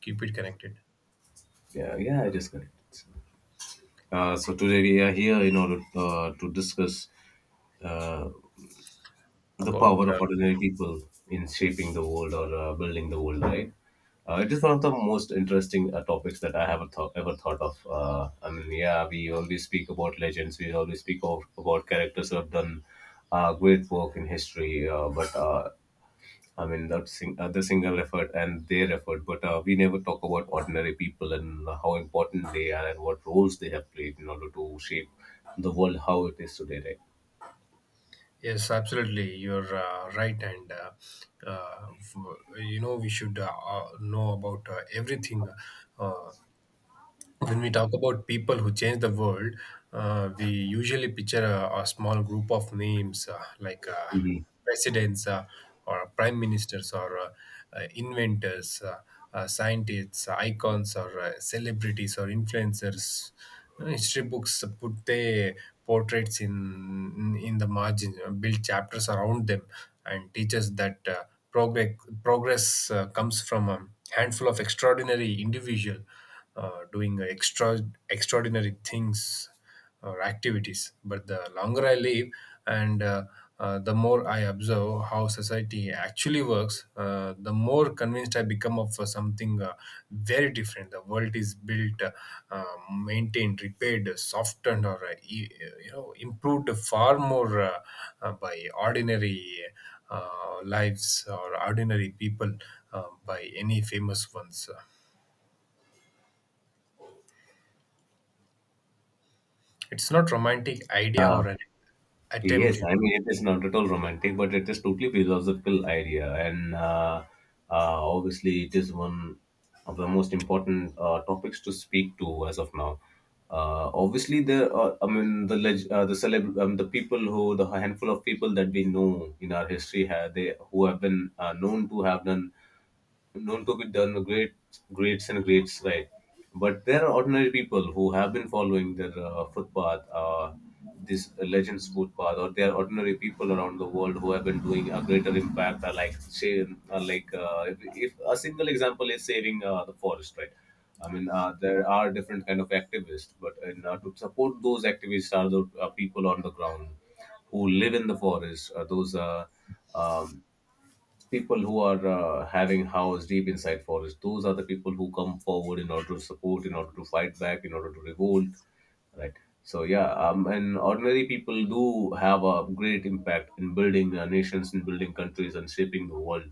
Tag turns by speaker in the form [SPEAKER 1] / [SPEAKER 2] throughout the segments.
[SPEAKER 1] Keep it connected
[SPEAKER 2] Yeah, yeah, it is correct. So today we are here in order to discuss the
[SPEAKER 1] about
[SPEAKER 2] power of ordinary people in shaping the world or building the world, right? It is one of the most interesting topics that I have ever thought of. I mean, yeah, we always speak about legends. We always speak about characters who have done great work in history. But I mean, the single effort and their effort, but we never talk about ordinary people and how important they are and what roles they have played in order to shape the world how it is today, right?
[SPEAKER 1] Yes, absolutely. You're right, and uh, we should know about everything. uh, When we talk about people who change the world, we usually picture a small group of names like
[SPEAKER 2] Mhm.
[SPEAKER 1] presidents, or prime ministers, or inventors, scientists, icons, or celebrities or influencers. History books put their portraits in in the margin, build chapters around them, and teach us that progress progress comes from a handful of extraordinary individual doing extraordinary things or activities. But the longer I live, and the more I observe how society actually works, the more convinced I become of something very different. The world is built, uh, maintained, repaired, softened, or improved far more by ordinary uh, lives or ordinary people by any famous ones. It's not romantic idea or an attempt
[SPEAKER 2] Yes,
[SPEAKER 1] you know
[SPEAKER 2] I mean, it is not at all romantic, but it is totally philosophical idea. And obviously, it is one of the most important topics to speak to as of now. Obviously, I mean, the people the handful of people that we know in our history, have, they who have been known to have done known to be done great greats and greats, right. But there are ordinary people who have been following their footpath, this legends footpath, or there are ordinary people around the world who have been doing a greater impact, like say like if a single example is saving the forest, right. I mean, there are different kind of activists, but to support those activists are the people on the ground who live in the forest. Those um, People who are having house deep inside forest, those are the people who come forward in order to support, in order to fight back, in order to revolt, right. So and ordinary people do have a great impact in building nations, in building countries, and shaping the world.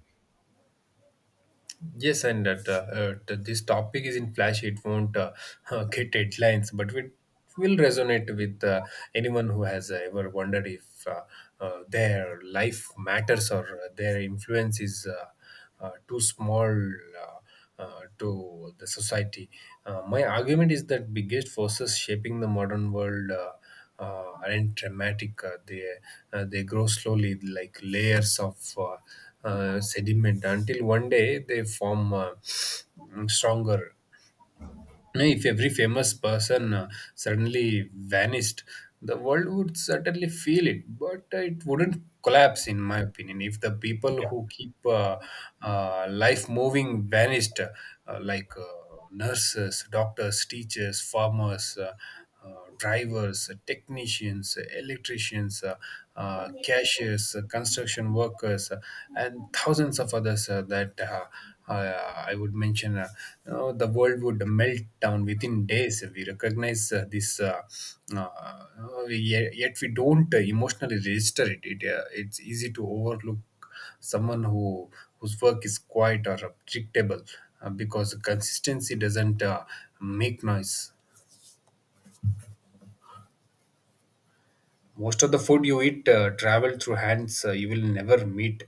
[SPEAKER 1] Yes, and that this topic is in flash it won't get headlines, but it will resonate with anyone who has ever wondered if their life matters or their influence is too small uh, to the society. My argument is that biggest forces shaping the modern world aren't dramatic. They grow slowly, like layers of sediment, until one day they form stronger. Know, if every famous person suddenly vanished, the world would certainly feel it, but it wouldn't collapse, in my opinion. If the people
[SPEAKER 2] Yeah.
[SPEAKER 1] who keep life moving vanished, like nurses, doctors, teachers, farmers, drivers, technicians, electricians, cashiers, construction workers, and thousands of others that I would mention. You know, the world would melt down within days. We recognize this, yet we don't emotionally register it. It's easy to overlook someone whose work is quiet or predictable, because consistency doesn't make noise. Most of the food you eat travel through hands you will never meet.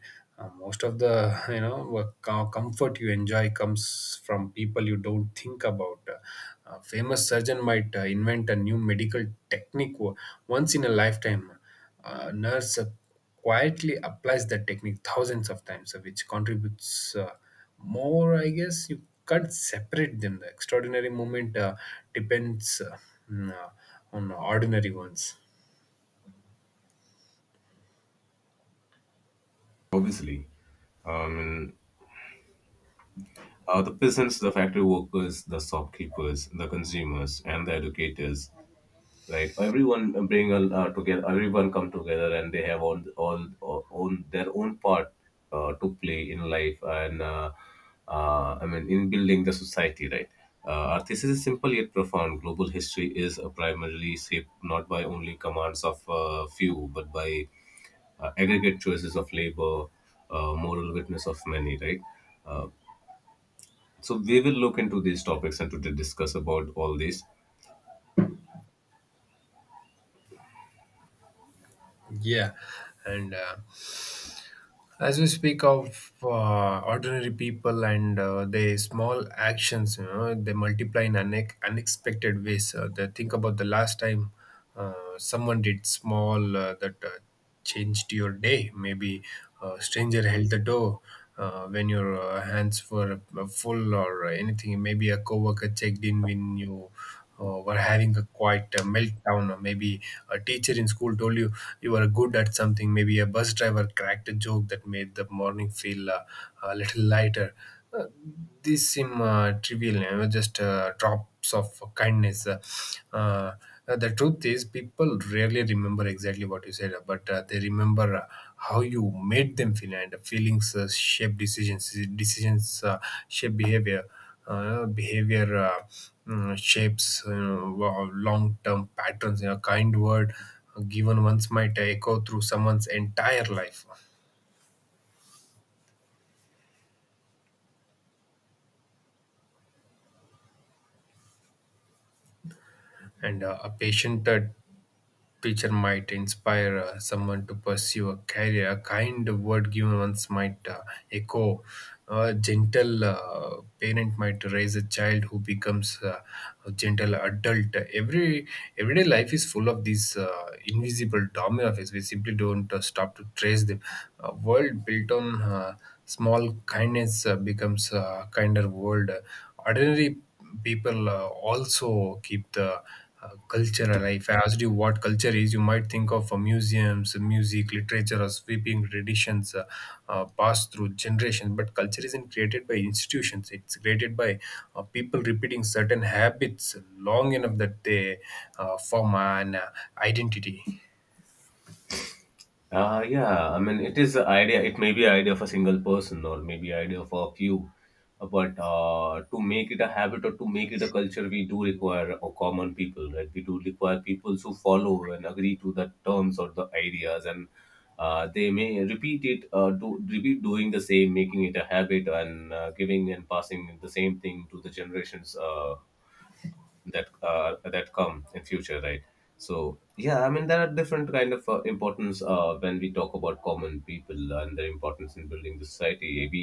[SPEAKER 1] Most of the comfort you enjoy comes from people you don't think about. A famous surgeon might invent a new medical technique once in a lifetime. A nurse quietly applies that technique thousands of times, which contributes uh, more. I guess you can't separate them. The extraordinary moment depends on uh, on ordinary ones.
[SPEAKER 2] Obviously, um, the peasants, the factory workers, the shopkeepers, the consumers, and the educators, right. Everyone together, everyone come together, and they have all own their own part to play in life, and I mean in building the society, right. Uh, our thesis is simple yet profound. Global history is primarily shaped not by only commands of few, but by aggregate choices of labor, moral witness of many, right. Uh, so we will look into these topics and to discuss about all these.
[SPEAKER 1] Yeah, and as we speak of ordinary people and their small actions, you know, they multiply in unexpected ways. They think about the last time uh, someone did small that changed your day. Maybe a stranger held the door, when your hands were full or anything. Maybe a coworker checked in when you were having a quiet meltdown, or maybe a teacher in school told you you were good at something. Maybe a bus driver cracked a joke that made the morning feel a little lighter. Uh, these seem trivial, you know, just drops of kindness. Uh, the truth is, people rarely remember exactly what you said, but they remember how you made them feel, and feelings shape decisions, shape behavior, behavior shapes long term patterns. A kind word given once might echo through someone's entire life, and a patient Picture might inspire someone to pursue a career. A kind word given once might echo. A gentle parent might raise a child who becomes a gentle adult. Everyday life is full of these invisible domino effects. We simply don't stop to trace them. A world built on small kindness becomes a kinder world. Ordinary people also keep the culture alive. If I asked you what culture is, you might think of museums, music, literature, or sweeping traditions passed through generations. But culture isn't created by institutions, it's created by people repeating certain habits long enough that they form an identity.
[SPEAKER 2] Yeah, I mean, it is a idea. It may be a idea of a single person or maybe idea of a few, but to make it a habit or to make it a culture, we do require a common people, right? We do require people who follow and agree to the terms or the ideas, and they may repeat it, do repeat doing the same, making it a habit, and giving and passing the same thing to the generations. That come in future, right. So yeah, I mean, there are different kind of importance when we talk about common people and their importance in building the society. We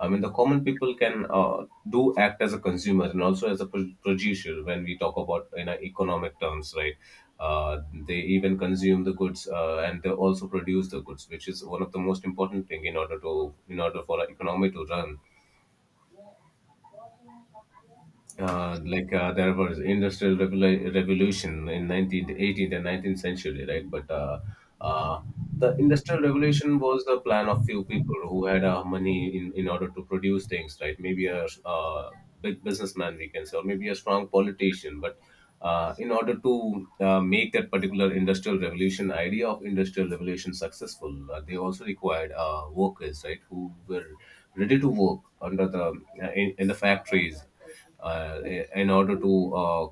[SPEAKER 2] I mean, the common people can do act as a consumer and also as a producer when we talk about in economic terms, right. Uh, they even consume the goods and they also produce the goods, which is one of the most important thing in order to in order for an economy to run. There was industrial revolution in 19th, 18th and 19th century, right? But uh, the industrial revolution was the plan of few people who had money in order to produce things, right? Maybe a big businessman, we can say, or maybe a strong politician. But in order to make that particular industrial revolution, idea of industrial revolution successful, they also required workers, right, who were ready to work under the in the factories uh, in order to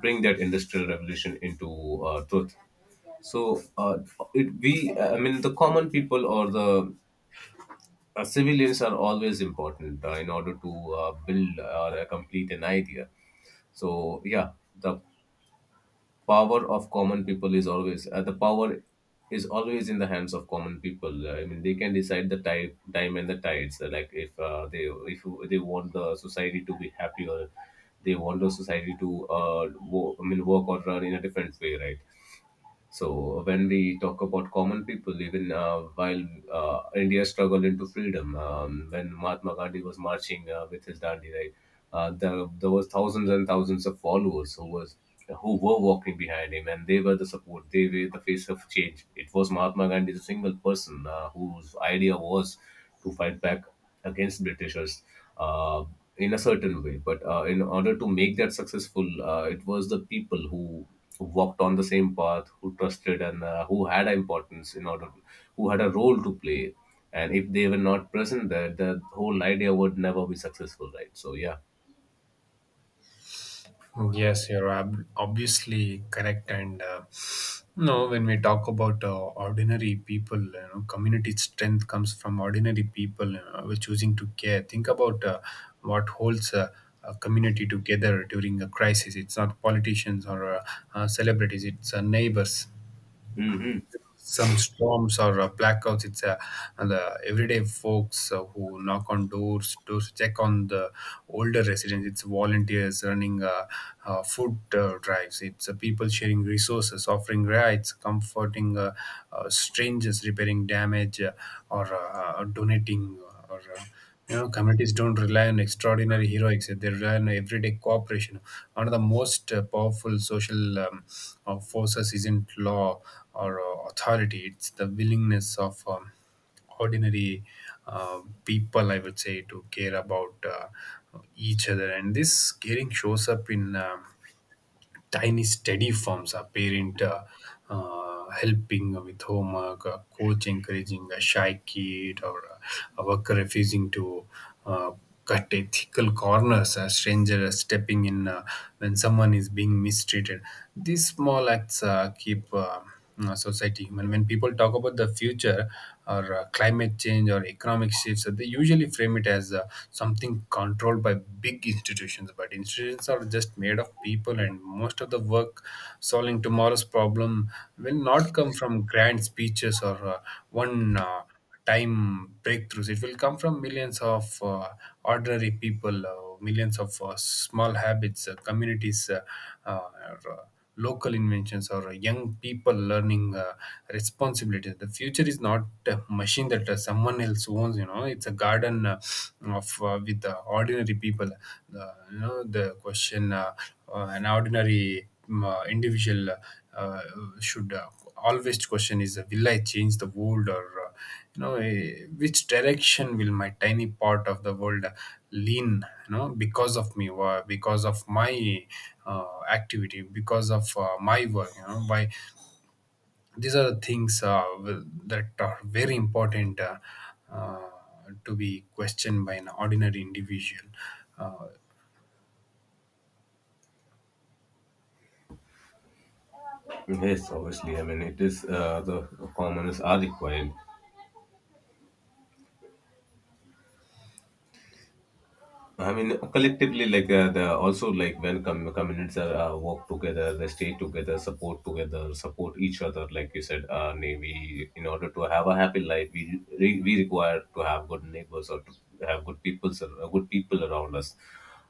[SPEAKER 2] bring that industrial revolution into truth. So uh, I mean, the common people or the civilians are always important in order to build or complete an idea. So yeah, the power of common people is always the power is always in the hands of common people. I mean, they can decide the type, time and the tides. Like if they want the society to be happier, they want the society to uh, I mean work or run in a different way, right. So when we talk about common people, even while India struggled into freedom, when Mahatma Gandhi was marching with his dandi, right, there was thousands and thousands of followers who were walking behind him, and they were the support. They were the face of change. It was Mahatma Gandhi, the single person whose idea was to fight back against Britishers uh, in a certain way. But in order to make that successful, it was the people who walked on the same path, who trusted and who had importance in order, who had a role to play. And if they were not present there, the whole idea would never be successful, right? So yeah.
[SPEAKER 1] Yes, you're obviously correct. And you know, when we talk about ordinary people, you know, community strength comes from ordinary people we're choosing to care. Think about what holds a community together during a crisis. It's not politicians or celebrities; it's neighbors.
[SPEAKER 2] Hmm.
[SPEAKER 1] Some storms or blackouts. It's the everyday folks who knock on doors to check on the older residents. It's volunteers running food drives. It's people sharing resources, offering rides, comforting strangers, repairing damage, or donating. Or, communities don't rely on extraordinary heroics, they rely on everyday cooperation. One of the most powerful social forces isn't law or authority, it's the willingness of ordinary people, I would say, to care about each other. And this caring shows up in tiny steady forms. A parent helping with homework, a coach encouraging a shy kid, or a worker refusing to uh, cut ethical corners, a stranger stepping in when someone is being mistreated. These small acts keep society. When people talk about the future or climate change or economic shifts, they usually frame it as something controlled by big institutions. But institutions are just made of people, and most of the work solving tomorrow's problem will not come from grand speeches or one. Time breakthroughs. It will come from millions of ordinary people, millions of small habits, communities, uh, or local inventions, or young people learning responsibilities. The future is not a machine that someone else owns. You know, it's a garden of with ordinary people. The question an ordinary individual uh, should. Always question is will I change the world, or which direction will my tiny part of the world lean, you know, because of me, because of my activity, because of my work. You know why, these are the things that are very important uh, to be questioned by an ordinary individual. uh,
[SPEAKER 2] Yes, obviously. I mean, it is the commoners are required. I mean, collectively, like the also like when communities are work together, they stay together, support each other. Like you said, we in order to have a happy life, we require to have good neighbors or to have good people around us.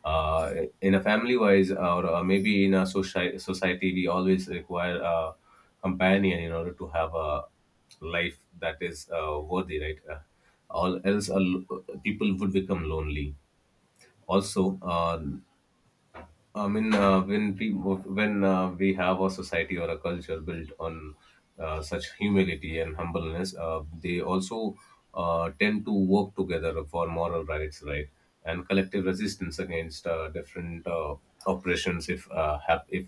[SPEAKER 2] Uh, in a family wise, or maybe in a society, we always require a companion in order to have a life that is worthy, right? All else, people would become lonely also. When we have a society or a culture built on such humility and humbleness, they also tend to work together for moral rights, right, and collective resistance against different oppressions. If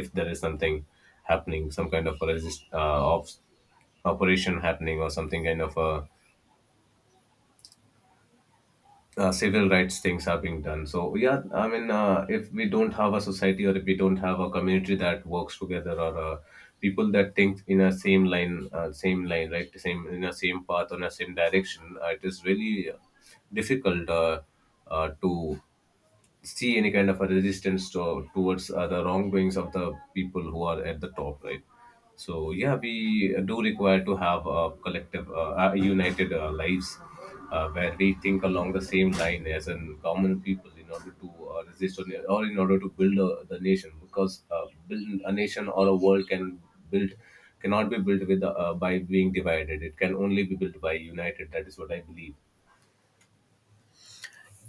[SPEAKER 2] if there is something happening, some kind of a resist of operation happening, or something kind of a civil rights things are being done. So yeah, I mean, if we don't have a society or if we don't have a community that works together or people that think in a same line, right, same path on a same direction, it is really difficult to see any kind of a resistance towards the wrongdoings of the people who are at the top, right. So yeah, we do require to have a collective united lives where we think along the same line as in common people in order to resist or in order to build the nation, because build a nation or a world can build cannot be built with by being divided. It can only be built by united. That is what I believe.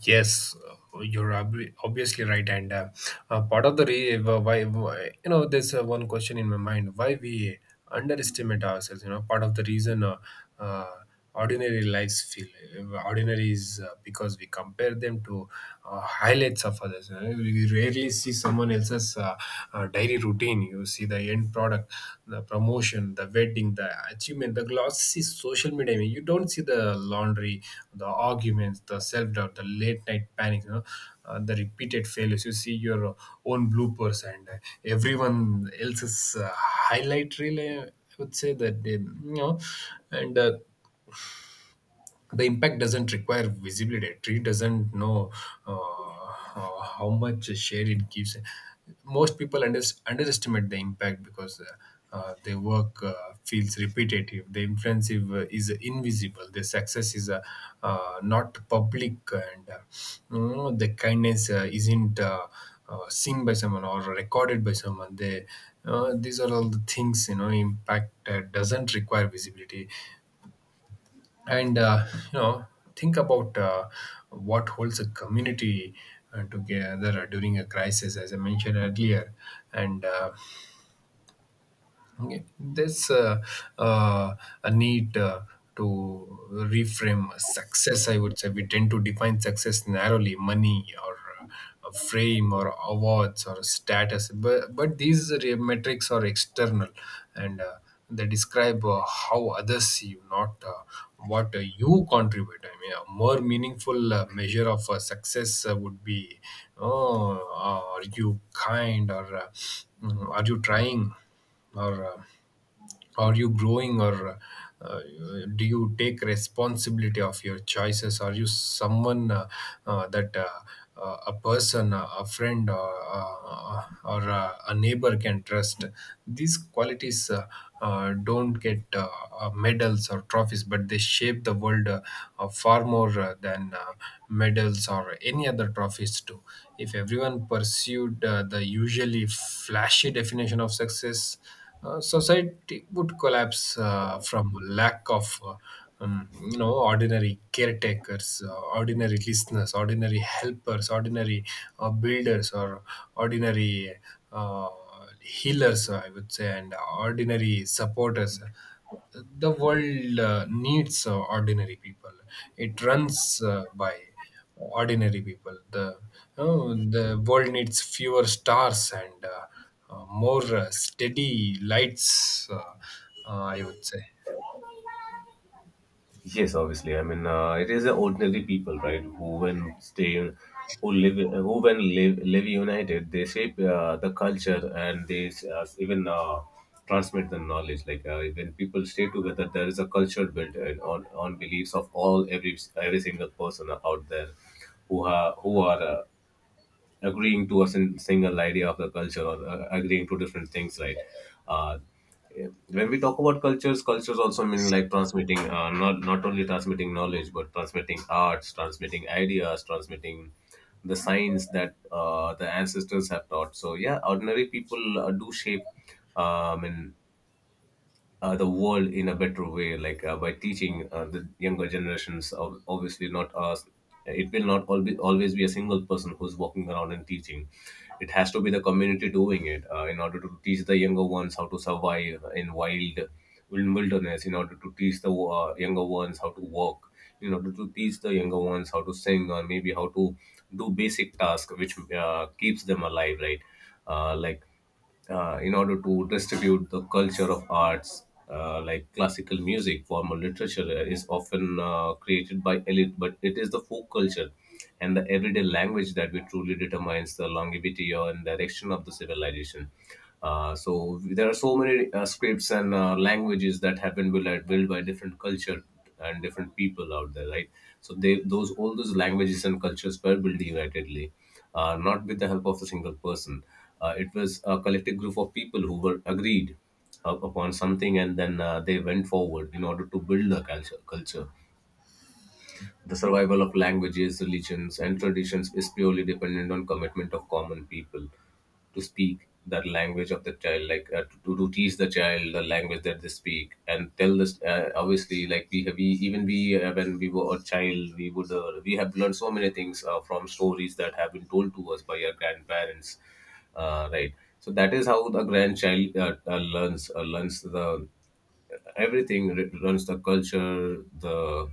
[SPEAKER 1] Yes, you're obviously right, and part of the you know there's one question in my mind, why we underestimate ourselves. You know, part of the reason uh, ordinary lives feel ordinary is because we compare them to highlights of others. You know? We rarely see someone else's diary routine, you see the end product, the promotion, the wedding, the achievement, the glossy social media. I mean, you don't see the laundry, the arguments, the self-doubt, the late night panic, you know, the repeated failures. You see your own bloopers, and everyone else's highlight reel, I would say, that they, you know and the impact doesn't require visibility. A tree doesn't know uh, how much shade it gives. Most people underestimate the impact because their work feels repetitive, the influence is invisible, their success is not public, and you know, the kindness isn't seen by someone or recorded by someone. They These are all the things, you know, impact doesn't require visibility. And you know think about what holds a community together during a crisis, as I mentioned earlier. And okay. There's uh, a need to reframe success, I would say. We tend to define success narrowly: money, or a frame, or awards, or status, but these metrics are external, and they describe how others see you, not what you contribute. I mean, a more meaningful measure of success would be: oh, are you kind, or are you trying? Or are you growing, or uh, do you take responsibility of your choices? Are you someone that a person, a friend, or a neighbor can trust? These qualities don't get medals or trophies, but they shape the world far more than medals or any other trophies do. If everyone pursued the usually flashy definition of success, society would collapse from lack of ordinary caretakers, ordinary listeners, ordinary helpers, ordinary builders, or ordinary uh, healers, I would say, and ordinary supporters. The world needs ordinary people. It runs by ordinary people. The world needs fewer stars and more steady lights, I would say.
[SPEAKER 2] Yes, obviously. I mean, it is the ordinary people, right, who live, live united, they shape the culture and they even transmit the knowledge. Like when people stay together, there is a culture built and on beliefs of all every single person out there who are agreeing to a single idea of the culture or agreeing to different things, right. Uh, when we talk about cultures, cultures also mean like transmitting not not only transmitting knowledge, but transmitting arts, transmitting ideas, transmitting the science that the ancestors have taught. So yeah, ordinary people do shape and the world in a better way, like by teaching the younger generations. Obviously, not us. It will not always always be a single person who's walking around and teaching. It has to be the community doing it in order to teach the younger ones how to survive in wild in wilderness. In order to teach the younger ones how to walk. In order to teach the younger ones how to sing, or maybe how to do basic tasks which keeps them alive, right? Uh, like in order to distribute the culture of arts, like classical music, formal literature, is often created by elite, but it is the folk culture and the everyday language that we truly determines the longevity and direction of the civilization. So there are so many scripts and languages that have been built by different culture and different people out there, right? So they those all those languages and cultures were built unitedly, not with the help of a single person. It was a collective group of people who were agreed upon something, and then they went forward in order to build the culture. The survival of languages, religions, and traditions is purely dependent on commitment of common people to speak that language of the child, to teach the child the language that they speak and tell this, obviously, like we have we even we when we were a child, we have learned so many things from stories that have been told to us by our grandparents, right? So that is how the grandchild learns the everything learns the culture the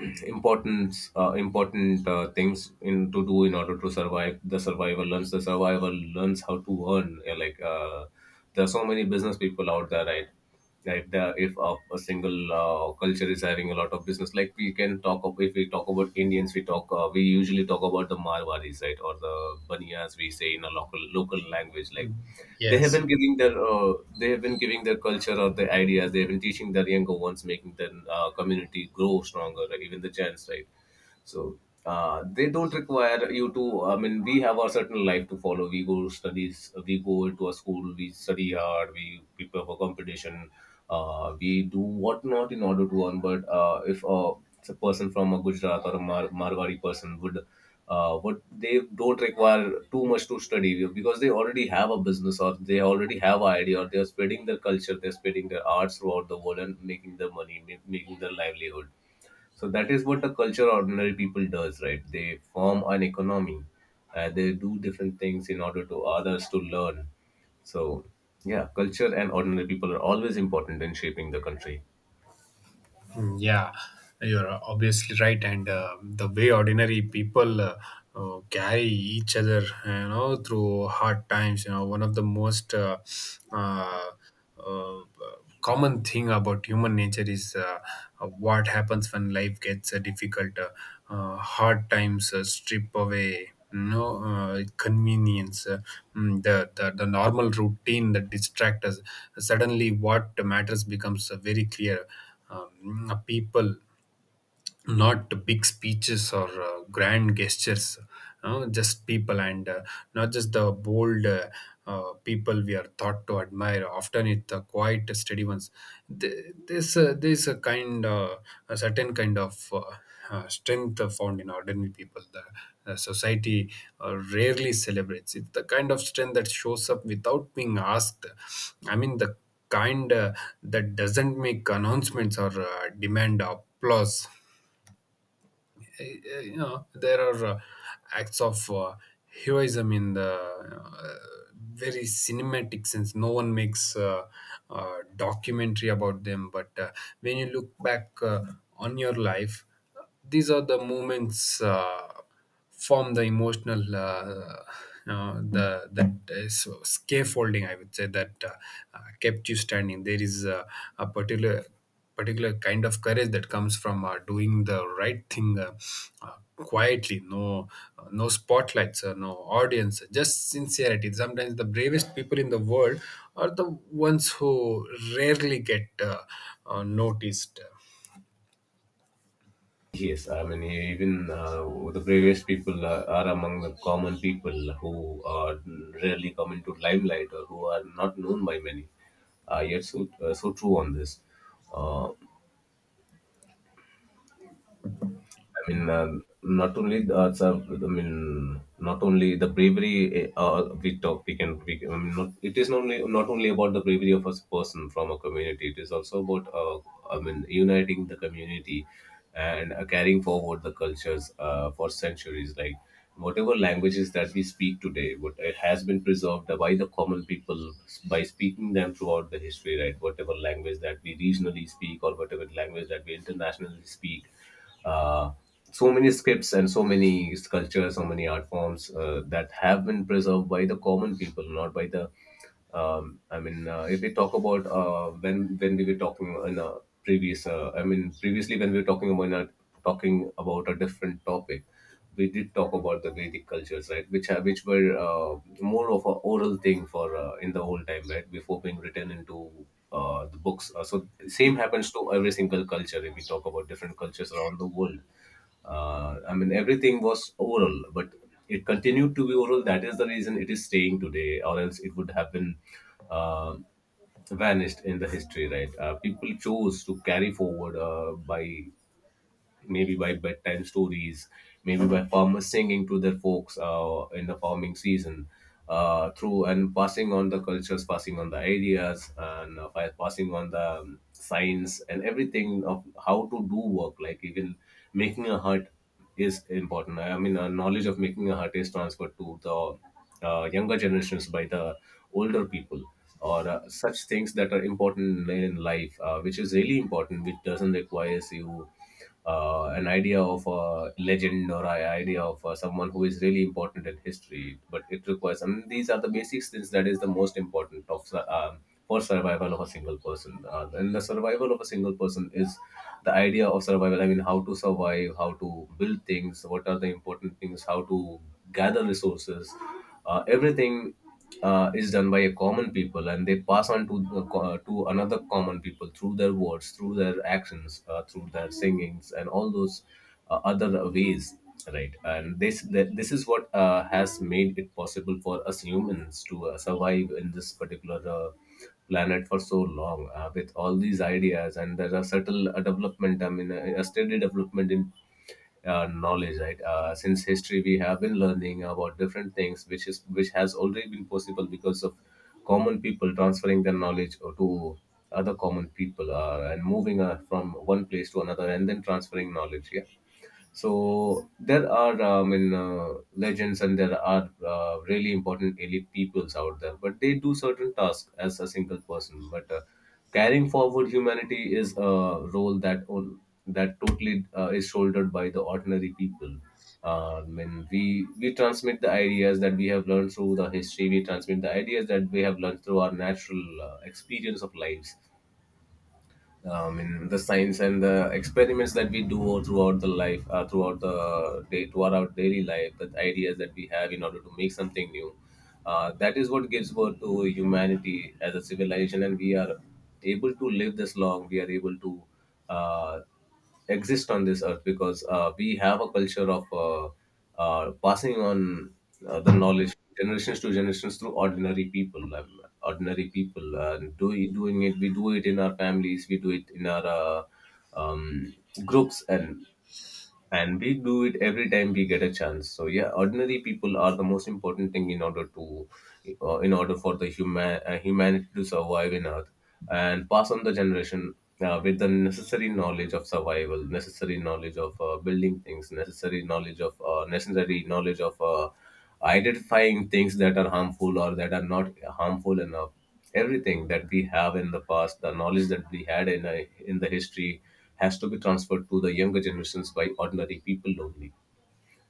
[SPEAKER 2] it's important things in to do in order to survive. The survivor learns, the survivor learns how to earn. There are so many business people out there, right? Like if a single culture is having a lot of business, like we can talk of, if we talk about indians, we usually talk about the marwaris, right? Or the baniyas, we say in a local language. Like they have
[SPEAKER 1] Yes.
[SPEAKER 2] been giving their they have been giving their culture or their ideas. They have been teaching their younger ones, making their community grow stronger. Like even the gents, right? So they don't require you to. I mean, we have a certain life to follow. We go studies. We go to a school. We study hard. We prepare for competition. We do whatnot in order to earn. But if a person from a Gujarat or a Marwari person would, what, they don't require too much to study because they already have a business, or they already have an idea, or they are spreading their culture, they're spreading their arts throughout the world and making their money, making their livelihood. So that is what the culture of ordinary people does, right? They form an economy, they do different things in order to others to learn. So yeah, culture and ordinary people are always important in shaping the country.
[SPEAKER 1] Yeah, you're obviously right. And the way ordinary people carry each other, you know, through hard times, you know, one of the most uh, uh, common thing about human nature is what happens when life gets difficult. Hard times strip away, you know, convenience, the normal routine that distract us. Suddenly, what matters becomes very clear. People, not big speeches or grand gestures, just people. And not just the bold, people we are taught to admire. Often it's the quiet steady ones. There's a kind a certain kind of strength found in ordinary people the society rarely celebrates. It's the kind of strength that shows up without being asked. I mean, the kind that doesn't make announcements or demand applause. You know, there are acts of heroism in the very cinematic sense. No one makes documentary about them, but when you look back on your life, these are the moments form the emotional the that is scaffolding, I would say, that kept you standing. There is a particular kind of courage that comes from doing the right thing quietly. No no spotlights, no audience, just sincerity. Sometimes the bravest people in the world are the ones who rarely get noticed.
[SPEAKER 2] Yes, I mean, even the bravest people are among the common people who are rarely come into limelight, or who are not known by many. Yet so true on this. Uh, I mean, not only the, sir, I mean, not only the bravery we talk, we, can- I mean, not, it is not only, not only about the bravery of a person from a community. It is also about, I mean, uniting the community and carrying forward the cultures for centuries. Like whatever languages that we speak today, what it has been preserved by the common people by speaking them throughout the history. Right, whatever language that we regionally speak or whatever language that we internationally speak, uh, so many scripts and so many sculptures, so many art forms that have been preserved by the common people, not by the. I mean, if we talk about when we were talking in a previous, I mean, previously when we were talking about talking about a different topic, we did talk about the Vedic cultures, right? Which were more of an oral thing for in the old time, right? Before being written into the books. So same happens to every single culture. If we talk about different cultures around the world, I mean, everything was oral, but it continued to be oral. That is the reason it is staying today, or else it would have been Uh, vanished in the history, right? People chose to carry forward by maybe by bedtime stories, maybe by farmers singing to their folks in the farming season, through and passing on the cultures, passing on the ideas, and by passing on the science and everything of how to do work, like even making a hut is important. I mean, a knowledge of making a hut is transferred to the younger generations by the older people, or such things that are important in life, which is really important, which doesn't requires you an idea of a legend or an idea of someone who is really important in history. But it requires, and these are the basic things that is the most important of for survival of a single person. And the survival of a single person is the idea of survival. I mean, how to survive, how to build things, what are the important things, how to gather resources. Everything is done by a common people, and they pass on to the to another common people through their words, through their actions, through their singings and all those other ways, right? And this is what has made it possible for us humans to survive in this particular planet for so long, with all these ideas. And there are subtle development, I mean a steady development in knowledge, right? Since history, we have been learning about different things, which is which has already been possible because of common people transferring their knowledge to other common people and moving from one place to another and then transferring knowledge. Yeah, so there are, I mean, legends, and there are really important elite peoples out there, but they do certain tasks as a single person. But carrying forward humanity is a role that that totally is shouldered by the ordinary people. I mean, we transmit the ideas that we have learned through the history. We transmit the ideas that we have learned through our natural experience of lives, in the science and the experiments that we do throughout the life, throughout the day, throughout our daily life, the ideas that we have in order to make something new, that is what gives birth to humanity as a civilization. And we are able to live this long, we are able to uh, exist on this earth because we have a culture of passing on the knowledge generations to generations through ordinary people, ordinary people. And doing it, we do it in our families, we do it in our um, groups, and we do it every time we get a chance. So yeah, ordinary people are the most important thing in order to in order for the human humanity to survive in earth and pass on the generation with the necessary knowledge of survival, necessary knowledge of building things, necessary knowledge of identifying things that are harmful or that are not harmful enough. Everything that we have in the past, the knowledge that we had in the history, has to be transferred to the younger generations by ordinary people only,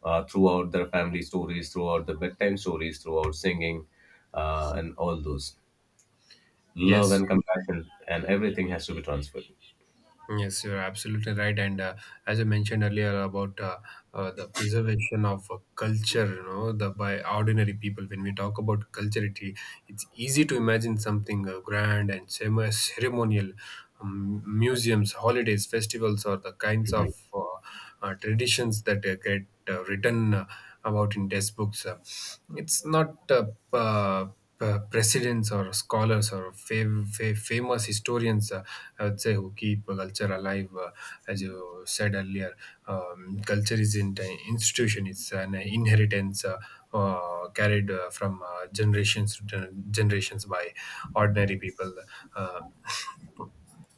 [SPEAKER 2] throughout their family stories, throughout the bedtime stories, throughout singing and all those love
[SPEAKER 1] Yes.
[SPEAKER 2] and compassion and everything has to be transferred.
[SPEAKER 1] Yes, you're absolutely right. And as I mentioned earlier about the preservation of culture, you know, the by ordinary people. When we talk about culture, it's easy to imagine something grand and cere- ceremonial, museums, holidays, festivals, or the kinds of traditions that get written about in textbooks. It's not uh, presidents or scholars or fav- fa- famous historians, I would say, who keep culture alive. As you said earlier, culture isn't an institution; it's an inheritance carried from generations to gen- generations by ordinary people. Uh,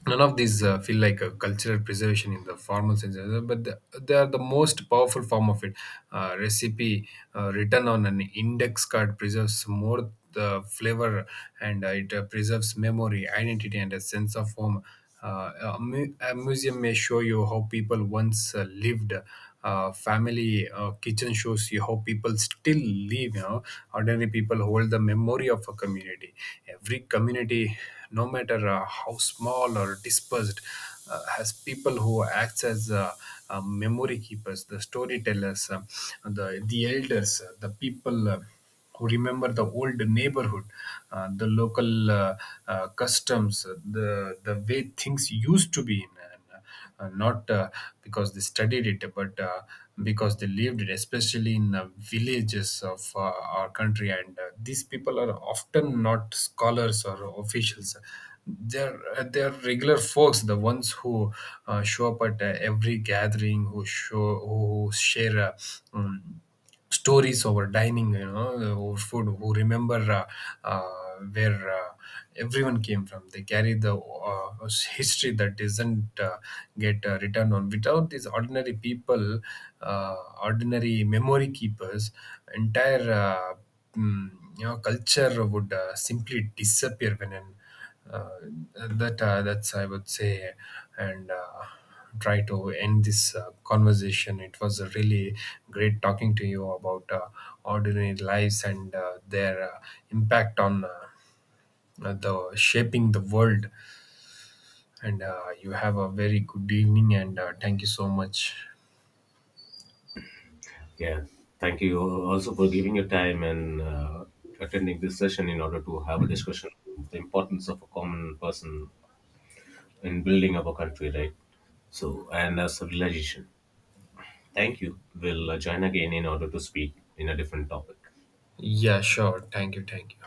[SPEAKER 1] None of these feel like a cultural preservation in the formal sense, but they are the most powerful form of it. Recipe written on an index card preserves more the flavor, and it preserves memory, identity, and a sense of home. A museum may show you how people once lived. Family kitchen shows you how people still live. You know, ordinary people hold the memory of a community. Every community, no matter how small or dispersed, has people who acts as memory keepers, the storytellers, the elders, the people. Who remember the old neighborhood, the local customs, the way things used to be, and not because they studied it, but because they lived it, especially in villages of our country. And these people are often not scholars or officials. They're regular folks, the ones who show up at every gathering, who show who share. Um, Stories over dining, you know, over food, who remember where everyone came from. They carry the history that doesn't get written on. Without these ordinary people, uh, ordinary memory keepers, entire mm, you know, culture would simply disappear. When an uh, that's I would say, and try to end this conversation. It was a really great talking to you about ordinary lives and their impact on the shaping the world. And you have a very good evening, and thank you so much.
[SPEAKER 2] Yeah, thank you also for giving your time and attending this session in order to have a discussion on the importance of a common person in building up a country, right? So, and a civilization. Thank you. We'll join again in order to speak in a different topic.
[SPEAKER 1] Yeah, sure. Thank you. Thank you.